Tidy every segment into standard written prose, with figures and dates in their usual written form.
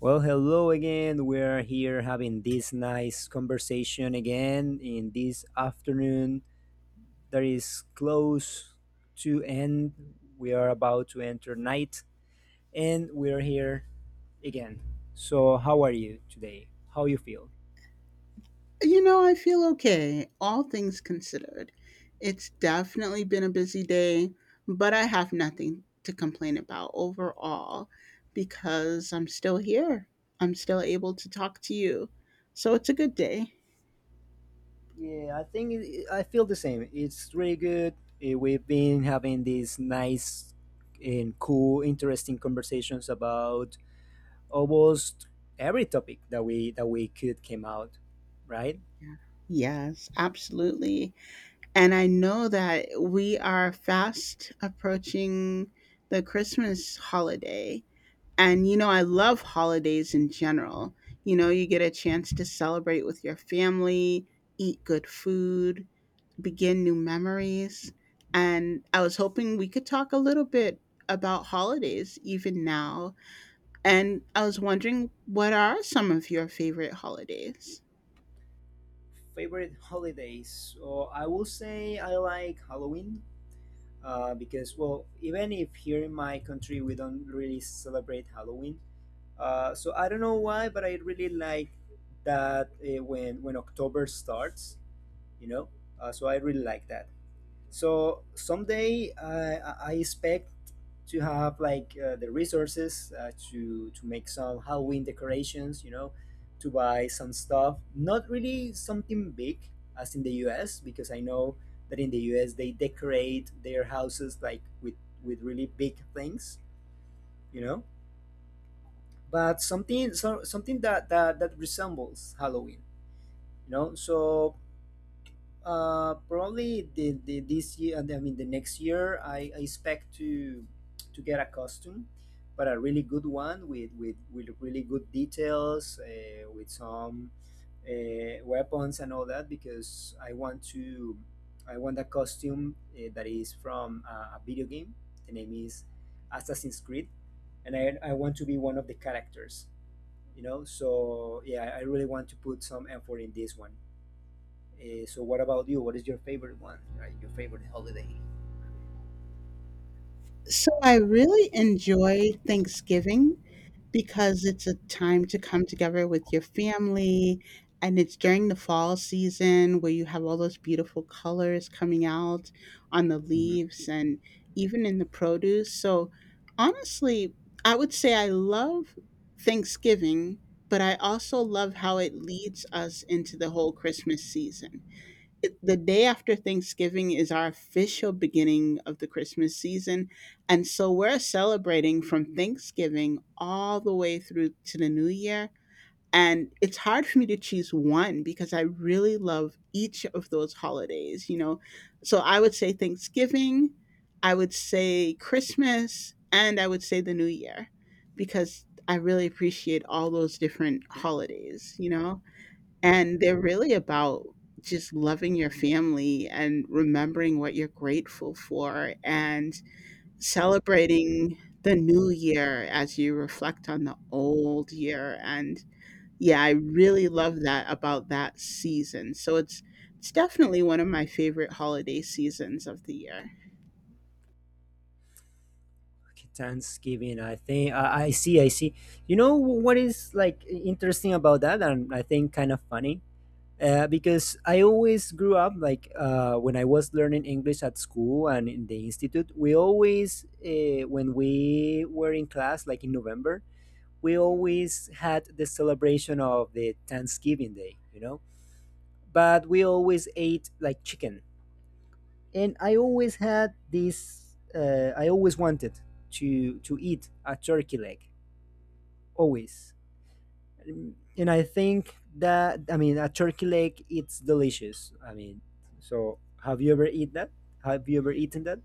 Well, hello again. We are here having this nice conversation again in this afternoon that is close to end. We are about to enter night and we are here again. So, how are you today? How you feel? You know, I feel okay, all things considered. It's definitely been a busy day, but I have nothing to complain about overall because I'm still here. I'm still able to talk to you. So it's a good day. Yeah, I think I feel the same. It's really good. We've been having these nice and cool, interesting conversations about almost every topic that we could came out, right? Yeah. Yes, absolutely. And I know that we are fast approaching the Christmas holiday. And, you know, I love holidays in general. You know, you get a chance to celebrate with your family, eat good food, begin new memories. And I was hoping we could talk a little bit about holidays even now. And I was wondering, what are some of your favorite holidays? Favorite holidays? So I will say I like Halloween because, well, even if here in my country we don't really celebrate Halloween, so I don't know why, but I really like that when October starts, you know. So I really like that so someday I expect to have like the resources to make some Halloween decorations, you know, to buy some stuff, not really something big as in the US, because I know that in the US they decorate their houses like with really big things, you know, but something so, something that resembles Halloween, you know. So probably the this year. I mean, the next year, I expect to get a costume, but a really good one with with really good details, with some weapons and all that, because I want a costume that is from a video game. The name is Assassin's Creed, and I want to be one of the characters. You know, so yeah, I really want to put some effort in this one. So what about you? What is your favorite one? Right, your favorite holiday? So I really enjoy Thanksgiving because it's a time to come together with your family, and it's during the fall season where you have all those beautiful colors coming out on the Hmm. leaves and even in the produce. So honestly, I would say I love Thanksgiving, but I also love how it leads us into the whole Christmas season. The day after Thanksgiving is our official beginning of the Christmas season. And so we're celebrating from Thanksgiving all the way through to the new year. And it's hard for me to choose one because I really love each of those holidays, you know? So I would say Thanksgiving, I would say Christmas, and I would say the new year because I really appreciate all those different holidays, you know? And they're really about just loving your family and remembering what you're grateful for and celebrating the new year as you reflect on the old year. And yeah, I really love that about that season. So it's definitely one of my favorite holiday seasons of the year. Okay, Thanksgiving. I think I see. I see. You know what is like interesting about that, and I think kind of funny. Because I always grew up like when I was learning English at school and in the institute, we always when we were in class, like in November, we always had the celebration of the Thanksgiving Day. You know, but we always ate like chicken, and I always had this. I always wanted to eat a turkey leg, always. And I think that, I mean a turkey leg, it's delicious. I mean, so have you ever eaten that?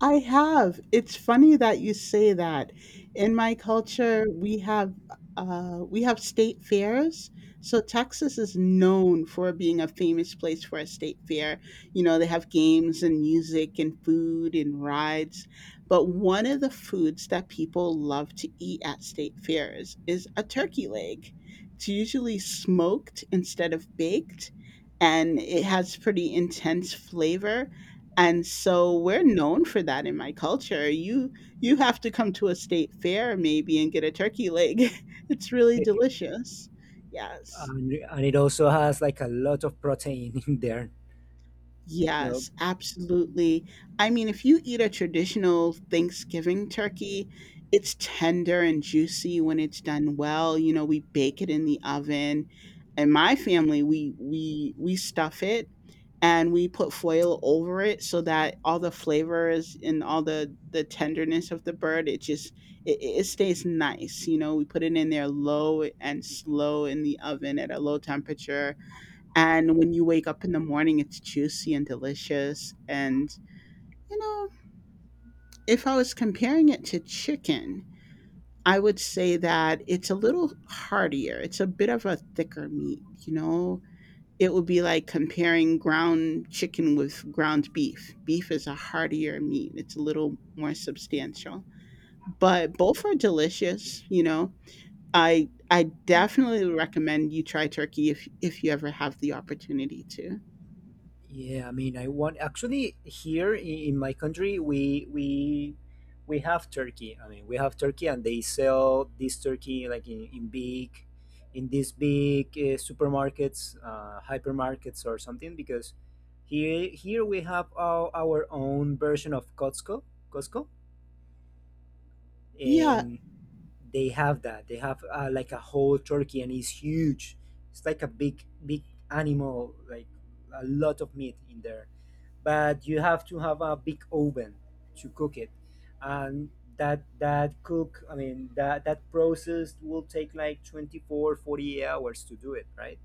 I have. It's funny that you say that. In my culture, we have state fairs. So Texas is known for being a famous place for a state fair. You know, they have games and music and food and rides. But one of the foods that people love to eat at state fairs is a turkey leg. It's usually smoked instead of baked, and it has pretty intense flavor, and so we're known for that in my culture. You have to come to a state fair maybe and get a turkey leg. It's really delicious. Yes. and, it also has like a lot of protein in there. You know, Yes, absolutely. I mean, if you eat a traditional Thanksgiving turkey, it's tender and juicy when it's done well. You know, we bake it in the oven. In my family, we stuff it and we put foil over it so that all the flavors and all the tenderness of the bird, it just it stays nice. You know, we put it in there low and slow in the oven at a low temperature, and when you wake up in the morning, it's juicy and delicious. And, you know, if I was comparing it to chicken, I would say that it's a little heartier. It's a bit of a thicker meat, you know? It would be like comparing ground chicken with ground beef. Beef is a heartier meat, it's a little more substantial. But both are delicious, you know? I definitely recommend you try turkey if you ever have the opportunity to. yeah, I mean, I want. Actually, here in my country we have turkey. I mean, we have turkey, and they sell this turkey like in big, in these big supermarkets, hypermarkets, or something. Because here we have our own version of Costco. Costco, Yeah, and they have that. They have like a whole turkey, and it's huge. It's like a big, big animal, like a lot of meat in there. But you have to have a big oven to cook it, and that cook. I mean that process will take like 24, 40 hours to do it, right?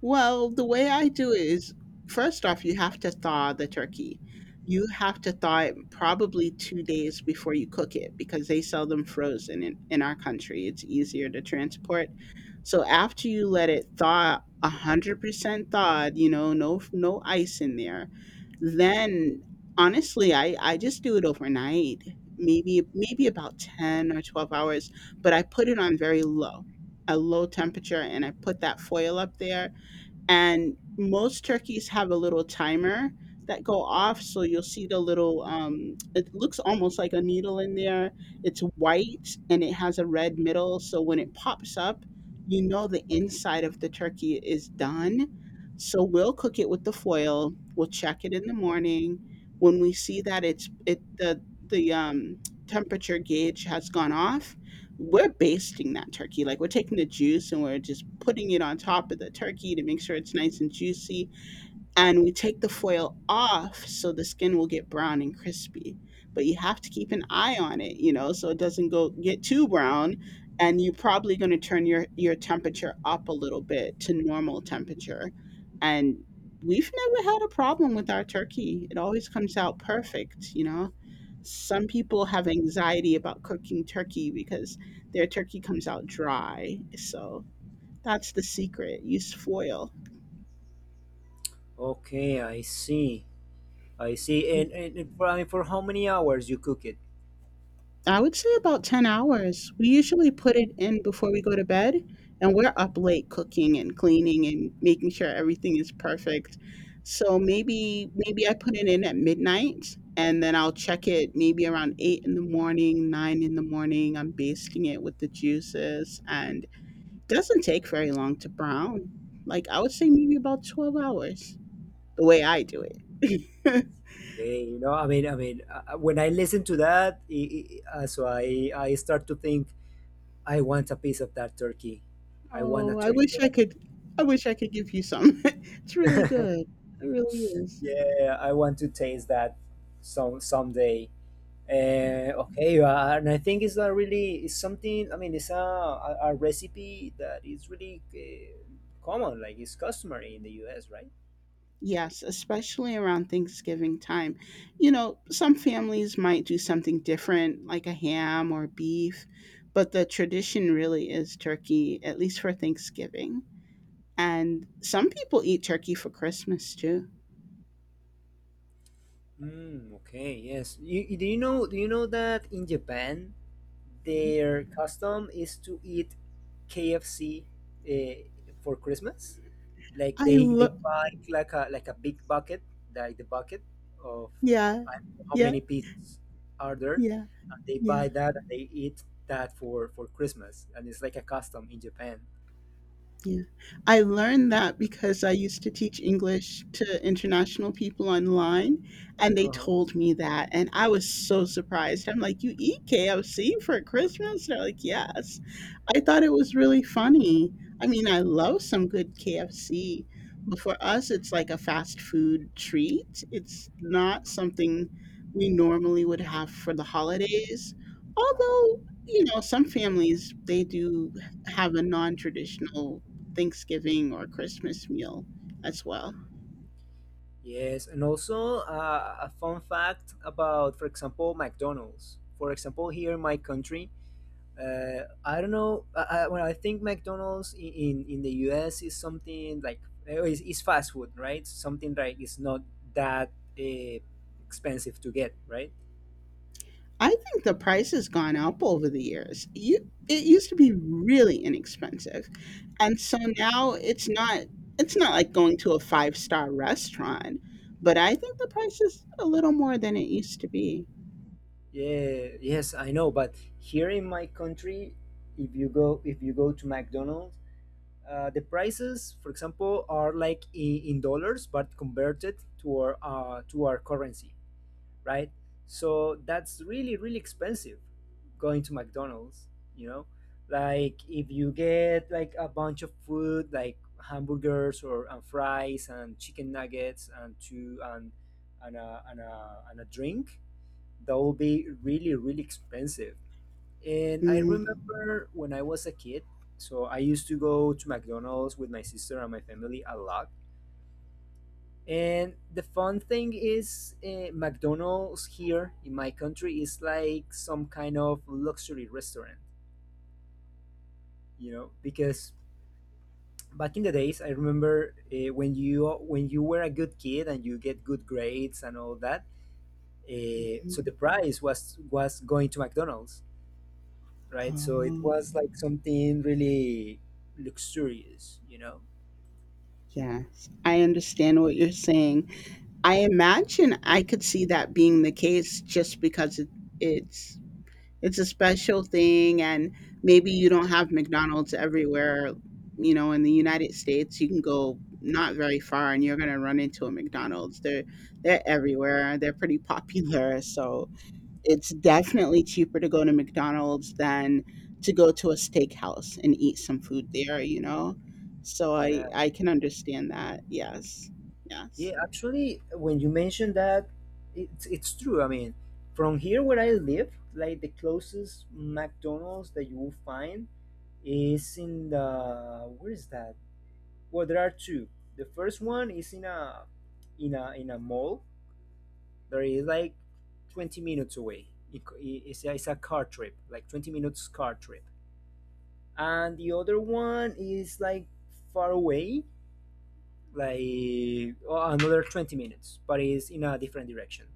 well, the way I do it is, first off, you have to thaw the turkey. You have to thaw it probably 2 days before you cook it because they sell them frozen in our country. It's easier to transport. So after you let it thaw 100% thawed, you know, no ice in there, Mhm. then honestly, I just do it overnight, maybe about 10 or 12 hours, but I put it on very low, a low temperature, and I put that foil up there. And most turkeys have a little timer that go off, so you'll see the little it looks almost like a needle in there. It's white and it has a red middle, so when it pops up, you know the inside of the turkey is done. So we'll cook it with the foil, we'll check it in the morning. When we see that it's it the temperature gauge has gone off, we're basting that turkey. Like we're taking the juice and we're just putting it on top of the turkey to make sure it's nice and juicy, and we take the foil off so the skin will get brown and crispy. But you have to keep an eye on it, you know, so it doesn't go get too brown. And you're probably going to turn your temperature up a little bit to normal temperature. And we've never had a problem with our turkey, it always comes out perfect, you know. Some people have anxiety about cooking turkey because their turkey comes out dry. So that's the secret: use foil. Okay, I see. I see. And, and for, I mean, for how many hours you cook it? I would say about 10 hours. We usually put it in before we go to bed, and we're up late cooking and cleaning and making sure everything is perfect. So maybe I put it in at midnight and then I'll check it maybe around 8 in the morning, 9 in the morning. I'm basting it with the juices and it doesn't take very long to brown. Like I would say maybe about 12 hours, the way I do it. Hey, you know, when I listen to that, I start to think I want a piece of that turkey. I want a Oh, I turkey wish I leg. could. I wish I could give you some. It's really good. It really is. Yeah, I want to taste that someday. Yeah. Okay, and I think it's a really, it's something. I mean, it's a recipe that is really common, like it's customary in the U.S., right? Yes, especially around Thanksgiving time. You know, some families might do something different like a ham or beef, but the tradition really is turkey, at least for Thanksgiving. And some people eat turkey for Christmas too. Mm, okay, yes. Do you know that in Japan Mhm. their custom is to eat KFC uh, for Christmas? Like I they love buy like a big bucket, like the bucket of, yeah. I don't know how Yeah. many pieces are there, Yeah. and they Yeah. buy that and they eat that for Christmas, and it's like a custom in Japan. Yeah. I learned that because I used to teach English to international people online, and they Uh-huh. told me that. And I was so surprised. I'm like, "You eat KFC for Christmas?" They're like, "Yes." I thought it was really funny. I mean, I love some good KFC, but for us, it's like a fast food treat. It's not something we normally would have for the holidays. Although, you know, some families, they do have a non traditional Thanksgiving or Christmas meal as well. Yes, and also a fun fact about, for example, McDonald's. For example, here in my country, I don't know. I, well, I think McDonald's in the U.S. is something like is fast food, right? Something like it's not that uh, expensive to get, right? I think the price has gone up over the years. You it used to be really inexpensive. And so now it's not like going to a five-star restaurant, but I think the Mhm. price is a little more than it used to be. Yeah, yes, I know, but here in my country, if you go to McDonald's, the prices, for example, are like in dollars but converted to our currency, right? So that's really, really expensive going to McDonald's. You know, like if you get like a bunch of food like hamburgers or and fries and chicken nuggets and two and and a drink, that will be really, really expensive. And I Mhm. remember when I was a kid, so I used to go to McDonald's with my sister and my family a lot. And the fun thing is, McDonald's here in my country is like some kind of luxury restaurant, you know, because back in the days, I remember when you were a good kid and you get good grades and all that. So the prize was going to McDonald's, right? So it Oh, was like something really luxurious, you know? yes. I understand what you're saying. I imagine I could see that being the case just because it's it's a special thing, and maybe you don't have McDonald's everywhere. You know, in the United States, you can go not very far, and you're gonna run into a McDonald's. They're Mm. everywhere. They're pretty popular, so it's definitely cheaper to go to McDonald's than to go to a steakhouse and eat some food there. You know, so I Yeah. I can understand that. Yes, yes. Yeah, actually, when you mentioned that, it's true. I mean, from here where I live, like the closest McDonald's that you will find is in the, where is that? Well, there are two. The first one is in in a mall. There is like 20 minutes away. It's it's a car trip, like 20 minutes car trip. And the other one is like far away, like another 20 minutes, but it's in a different direction.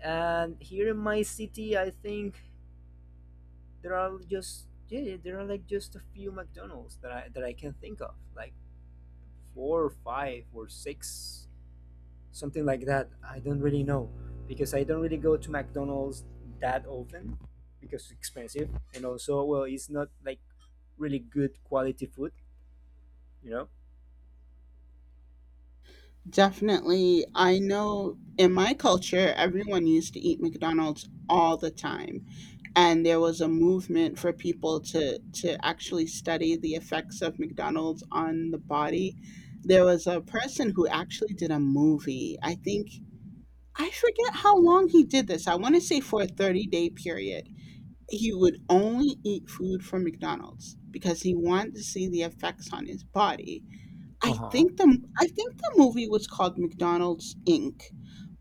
And here in my city, I think there are just, yeah, there are like just a few McDonald's that I can think of, like four or five or six, something like that, I don't really know, because I don't really go to McDonald's that often, because it's expensive and also, well, it's not like really good quality food, you know. Definitely. I know in my culture, everyone used to eat McDonald's all the time. And there was a movement for people to actually study the effects of McDonald's on the body. There was a person who actually did a movie. I forget how long he did this. I want to say for a 30-day period. He would only eat food from McDonald's because he wanted to see the effects on his body. Uh huh. I think the movie was called McDonald's Inc.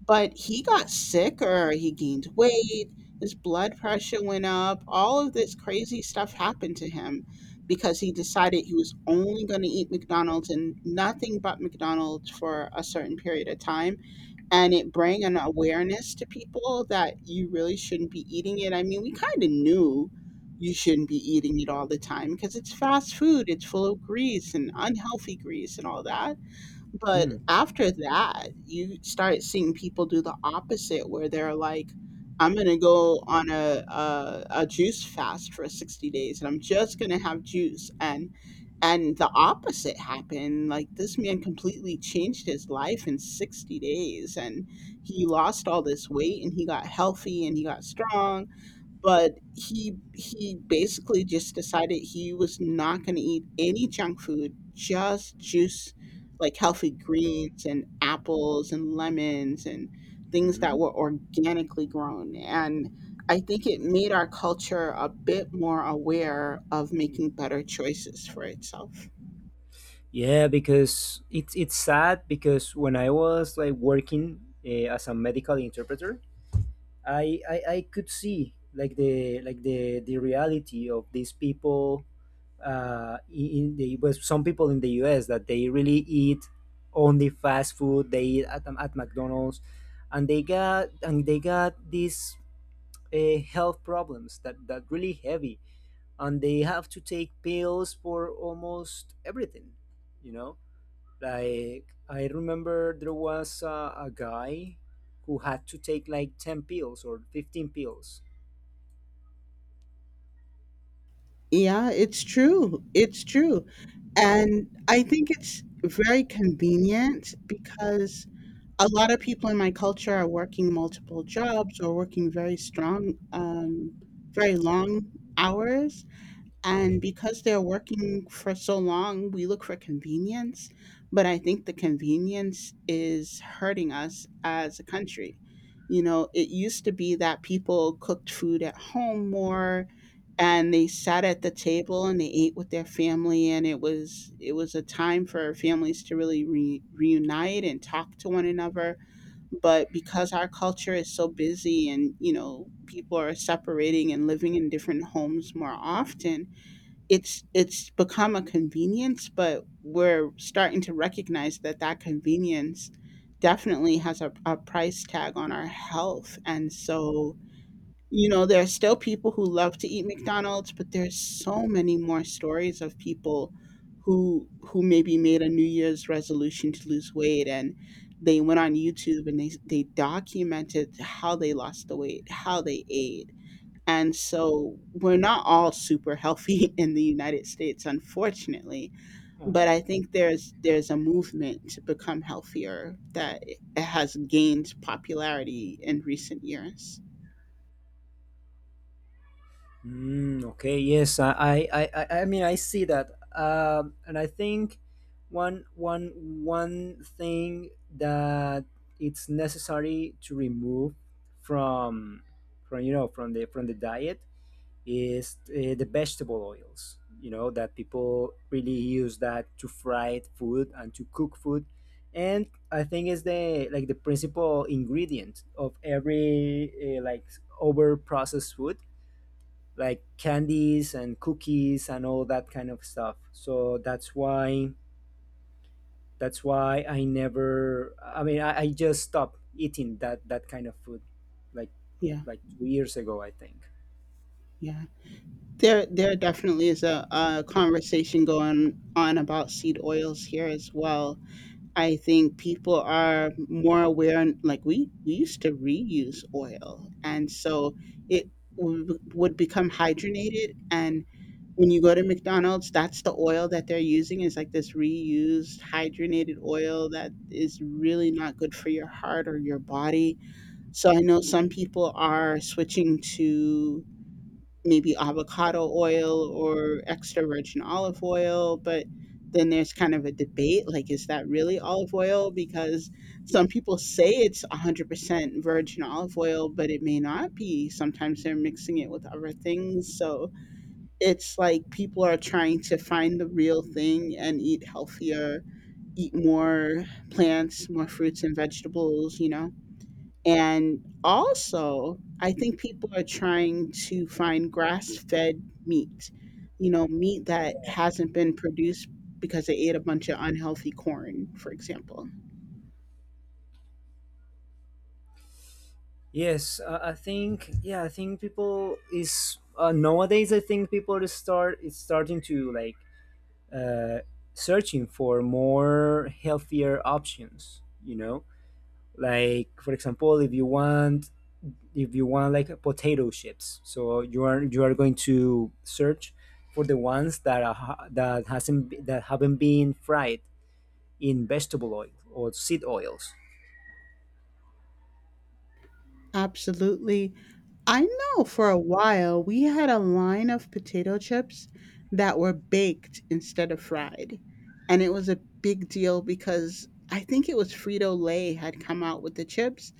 But he got sick or he gained weight, his blood pressure went up, all of this crazy stuff happened to him because he decided he was only going to eat McDonald's and nothing but McDonald's for a certain period of time. And it bring an awareness to people that you really shouldn't be eating it. I mean, we kind of knew you shouldn't be eating it all the time because it's fast food, it's full of grease and unhealthy grease and all that. But after that, you start seeing people do the opposite, where they're like, "I'm gonna go on a juice fast for 60 days, and I'm just gonna have juice." And the opposite happened. Like this man completely changed his life in 60 days, and he lost all this weight, and he got healthy, and he got strong, but he basically just decided he was not going to eat any junk food, just juice, like healthy greens and apples and lemons and things that Mhm. were organically grown. And I think it made our culture a bit more aware of making better choices for itself. Yeah, because it's sad, because when I was like working as a medical interpreter, I could see like the reality of these people, in the with some people in the U.S. that they really eat only fast food. They eat at McDonald's, and they got these health problems that, that really heavy, and they have to take pills for almost everything, you know. Like I remember there was a guy who had to take like 10 pills or 15 pills. Yeah, it's true. It's true. And I think it's very convenient because a lot of people in my culture are working multiple jobs or working very strong, very long hours. And because they're working for so long, we look for convenience. But I think the convenience is hurting us as a country. You know, it used to be that people cooked food at home more and they sat at the table and they ate with their family, and it was a time for families to really reunite and talk to one another. But because our culture is so busy and you know people are separating and living in different homes more often, it's become a convenience, but we're starting to recognize that that convenience definitely has a price tag on our health. And so, you know, there are still people who love to eat McDonald's, but there's so many more stories of people who maybe made a New Year's resolution to lose weight, and they went on YouTube and they documented how they lost the weight, how they ate, and so we're not all super healthy in the United States, unfortunately. But Uh-huh. I think there's a movement to become healthier that it has gained popularity in recent years. Mm, okay, yes, I mean, I see that, and I think one, one, one thing that it's necessary to remove from, from, you know, from the diet is the vegetable oils, you know, that people really use that to fry food and to cook food. And I think it's the like the principal ingredient of every uh, like over processed food, like candies and cookies and all that kind of stuff. So that's why, I never, I mean, I just stopped eating that kind of food like Yeah, 2 years ago, I think. yeah. There definitely is a conversation going on about seed oils here as well. I think people are more aware, and like we used to reuse oil, and so it would become hydrogenated. And when you go to McDonald's, that's the oil that they're using, is like this reused hydrogenated oil that is really not good for your heart or your body. So I know some people are switching to maybe avocado oil or extra virgin olive oil, but then there's kind of a debate, like is that really olive oil? Because some people say it's 100% virgin olive oil, but it may not be. Sometimes they're mixing it with other things, so it's like people are trying to find the real thing and eat healthier, eat more plants, more fruits and vegetables, you know. And also, I think people are trying to find grass fed meat, you know, meat that hasn't been produced because they ate a bunch of unhealthy corn, for example. Yes, I think yeah, I think people is nowadays, I think people is starting to like uh, searching for more healthier options. You know, like for example, if you want like potato chips, so you are going to search for the ones that are ha- that hasn't be- that haven't been fried in vegetable oil or seed oils. Absolutely. I know for a while we had a line of potato chips that were baked instead of fried. And it was a big deal because I think it was Frito Lay had come out with the chips,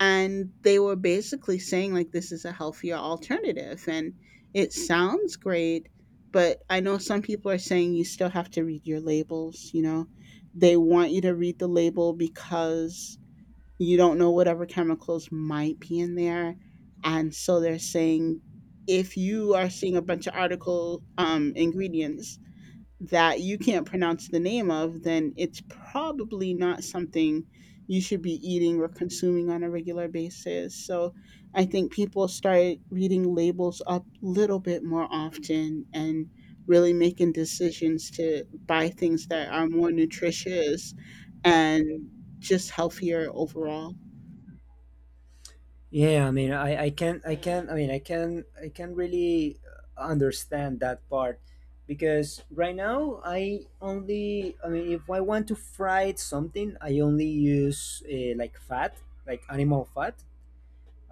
and they were basically saying like, this is a healthier alternative, and it sounds great, but I know some people are saying you still have to read your labels, you know, they want you to read the label because you don't know whatever chemicals might be in there. And so they're saying, if you are seeing a bunch of article ingredients that you can't pronounce the name of, then it's probably not something you should be eating or consuming on a regular basis. So I think people start reading labels up a little bit more often and really making decisions to buy things that are more nutritious and just healthier overall. Yeah, I mean, I can I can I mean, I can really understand that part, because right now I only, I mean, if I want to fry something, I only use like fat, like animal fat.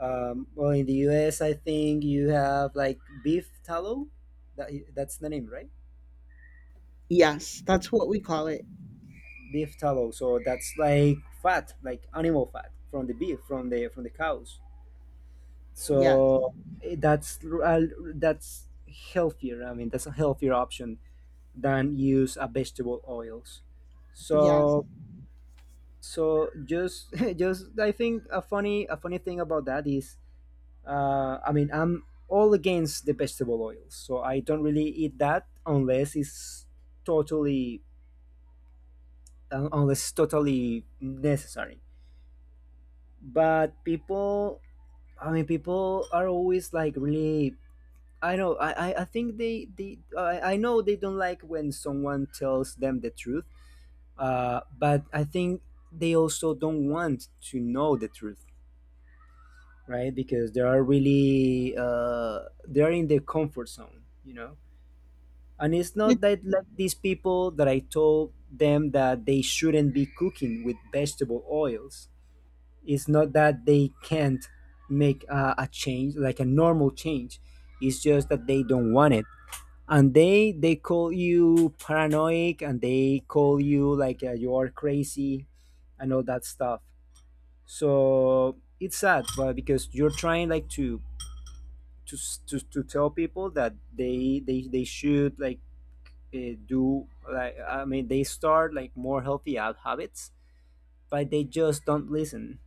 Well, in the U.S., I think you have like beef tallow. That's the name, right? Yes, that's what we call it. Beef tallow. So that's like fat, like animal fat from the beef, from the cows. Yes, So that's that's healthier, I mean that's a healthier option than use a vegetable oils. yes. So so just just I think a funny thing about that is, I mean, I'm all against the vegetable oils, so I don't really eat that unless it's totally unless totally necessary. But people, I mean, people are always like really, I know. I think they I know they don't like when someone tells them the truth. But I think they also don't want to know the truth, right? Because they are really they are in their comfort zone, you know. And it's not that like these people that I told them that they shouldn't be cooking with vegetable oils. It's not that they can't make a change, like a normal change. It's just that they don't want it and they call you paranoid and they call you like you are crazy and all that stuff, so it's sad. But because you're trying like to to tell people that they should like do like I mean, they start like more healthy habits, but they just don't listen.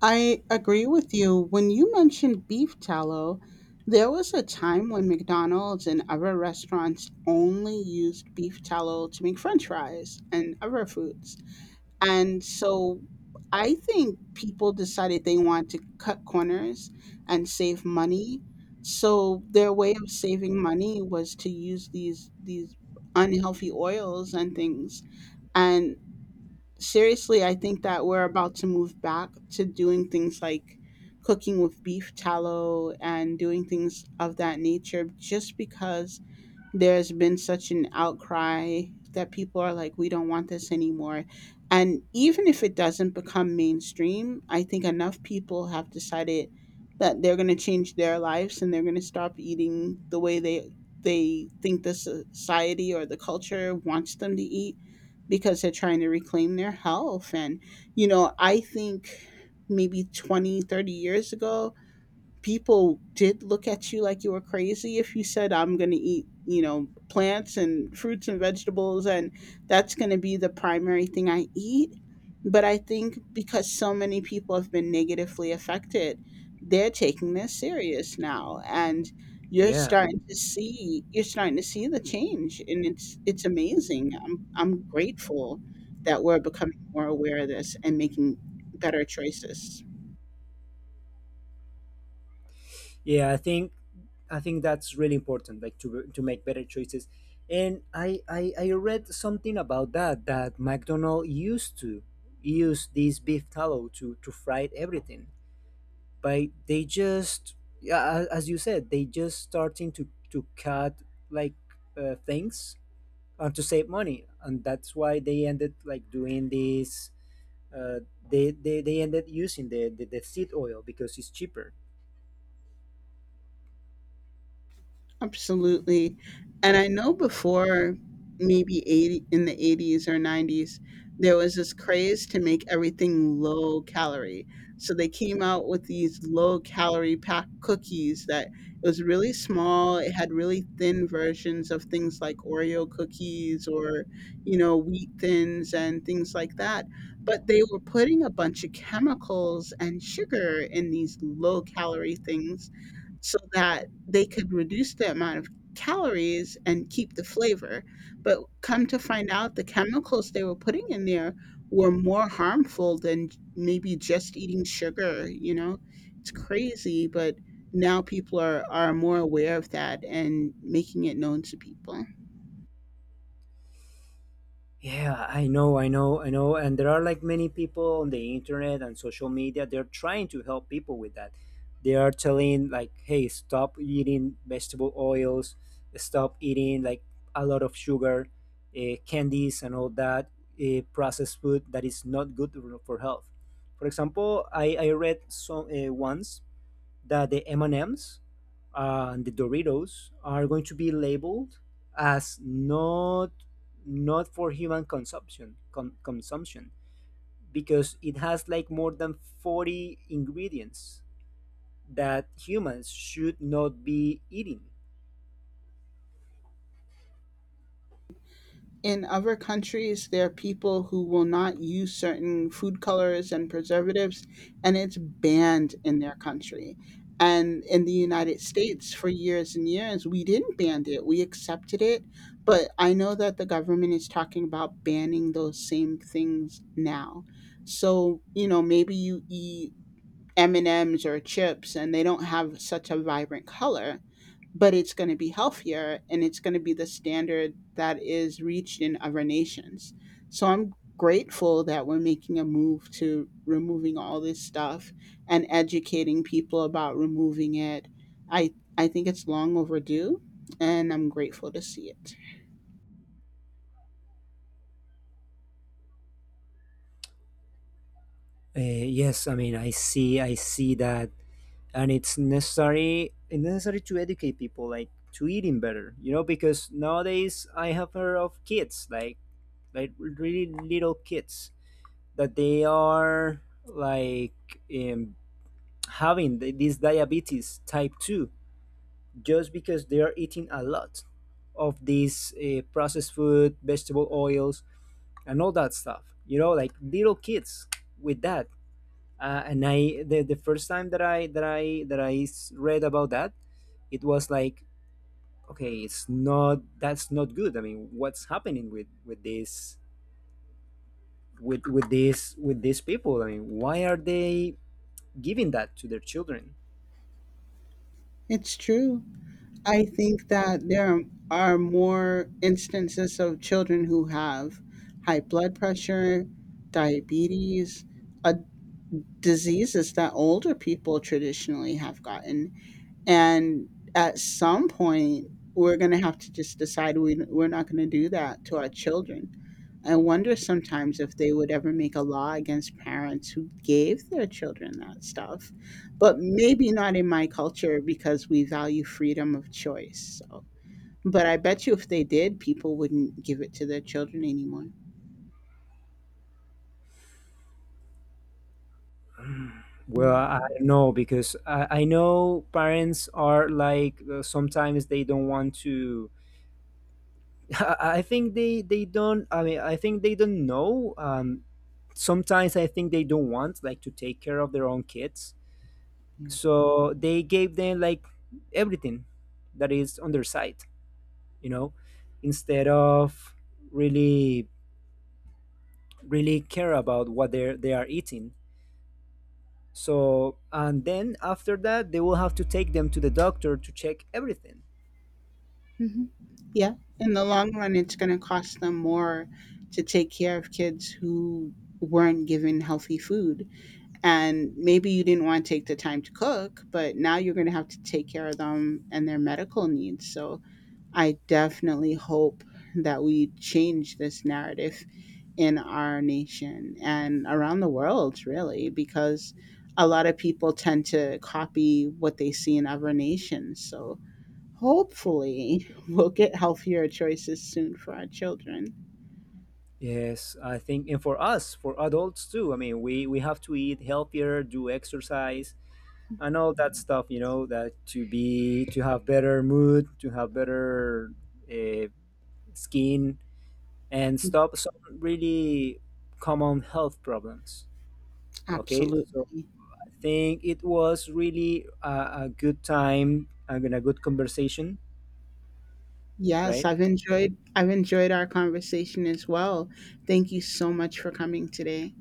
I agree with you. When you mentioned beef tallow, there was a time when McDonald's and other restaurants only used beef tallow to make french fries and other foods. And so I think people decided they want to cut corners and save money. So their way of saving money was to use these unhealthy oils and things. And seriously, I think that we're about to move back to doing things like cooking with beef tallow and doing things of that nature, just because there's been such an outcry that people are like, we don't want this anymore. And even if it doesn't become mainstream, I think enough people have decided that they're going to change their lives and they're going to stop eating the way they think society or the culture wants them to eat, because they're trying to reclaim their health. And you know, I think maybe 20, 30 years ago, people did look at you like you were crazy if you said, I'm going to eat, you know, plants and fruits and vegetables, and that's going to be the primary thing I eat. But I think because so many people have been negatively affected, they're taking this serious now, and you're Yeah. starting to see, you're starting to see the change, and it's amazing. I'm grateful that we're becoming more aware of this and making better choices. Yeah, I think that's really important, like to make better choices. And I read something about that, that McDonald used to use this beef tallow to fry everything, but they just, yeah, as you said, they just starting to cut like things and to save money, and that's why they ended like doing this. Uh, they ended using the seed oil because it's cheaper. Absolutely. And I know before, maybe 80, in the 80s or 90s, there was this craze to make everything low calorie. So they came out with these low calorie pack cookies that, it was really small, it had really thin versions of things like Oreo cookies or, you know, wheat thins and things like that. But they were putting a bunch of chemicals and sugar in these low calorie things so that they could reduce the amount of calories and keep the flavor. But come to find out, the chemicals they were putting in there were more harmful than maybe just eating sugar, you know? It's crazy, but now people are more aware of that and making it known to people. Yeah, I know, I know, I know. And there are like many people on the internet and social media, they're trying to help people with that. They are telling like, hey, stop eating vegetable oils, stop eating like a lot of sugar, candies and all that processed food that is not good for health. For example, I read some once that the M&Ms and the Doritos are going to be labeled as not not for human consumption because it has like more than 40 ingredients that humans should not be eating. In other countries, there are people who will not use certain food colors and preservatives, and it's banned in their country. And in the United States, for years and years, we didn't ban it, we accepted it. But I know that the government is talking about banning those same things now. So, you know, maybe you eat M&Ms or chips and they don't have such a vibrant color, but it's going to be healthier, and it's going to be the standard that is reached in other nations. So I'm grateful that we're making a move to removing all this stuff and educating people about removing it. I think it's long overdue, and I'm grateful to see it. Yes, I mean, I see that, and it's necessary to educate people like to eating better, you know, because nowadays I have heard of kids like really little kids that they are like having this diabetes type two just because they are eating a lot of these processed food, vegetable oils, and all that stuff. You know, like little kids with that. The first time that I read about that, it was like, okay, it's not that's not good. I mean, what's happening with this with these people? I mean, why are they giving that to their children? It's true. I think that there are more instances of children who have high blood pressure, diabetes, uh, diseases that older people traditionally have gotten. And at some point, we're going to have to just decide we're not going to do that to our children. I wonder sometimes if they would ever make a law against parents who gave their children that stuff, but maybe not in my culture because we value freedom of choice. So, but I bet you if they did, people wouldn't give it to their children anymore. Well, I don't know because I know parents are like sometimes they don't want to. I think they don't. I mean, I think they don't know. Sometimes I think they don't want like to take care of their own kids. Yeah. So they gave them like everything that is on their side, you know, instead of really really care about what they are eating. So and then after that they will have to take them to the doctor to check everything. Hmm. Yeah. In the long run, it's going to cost them more to take care of kids who weren't given healthy food, and maybe you didn't want to take the time to cook, but now you're going to have to take care of them and their medical needs. So I definitely hope that we change this narrative in our nation and around the world, really, because a lot of people tend to copy what they see in other nations. So hopefully, we'll get healthier choices soon for our children. Yes, I think, and for us, for adults too. I mean, we have to eat healthier, do exercise and all that stuff, you know, that to be to have better mood, to have better uh, skin and stop some really common health problems. Okay, Absolutely. so I think it was really a good time and a good conversation, Yes, right? I've enjoyed our conversation as well. Thank you so much for coming today.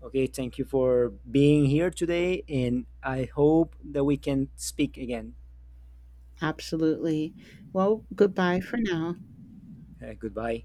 Okay, thank you for being here today, and I hope that we can speak again. Absolutely. Well, goodbye for now. Goodbye.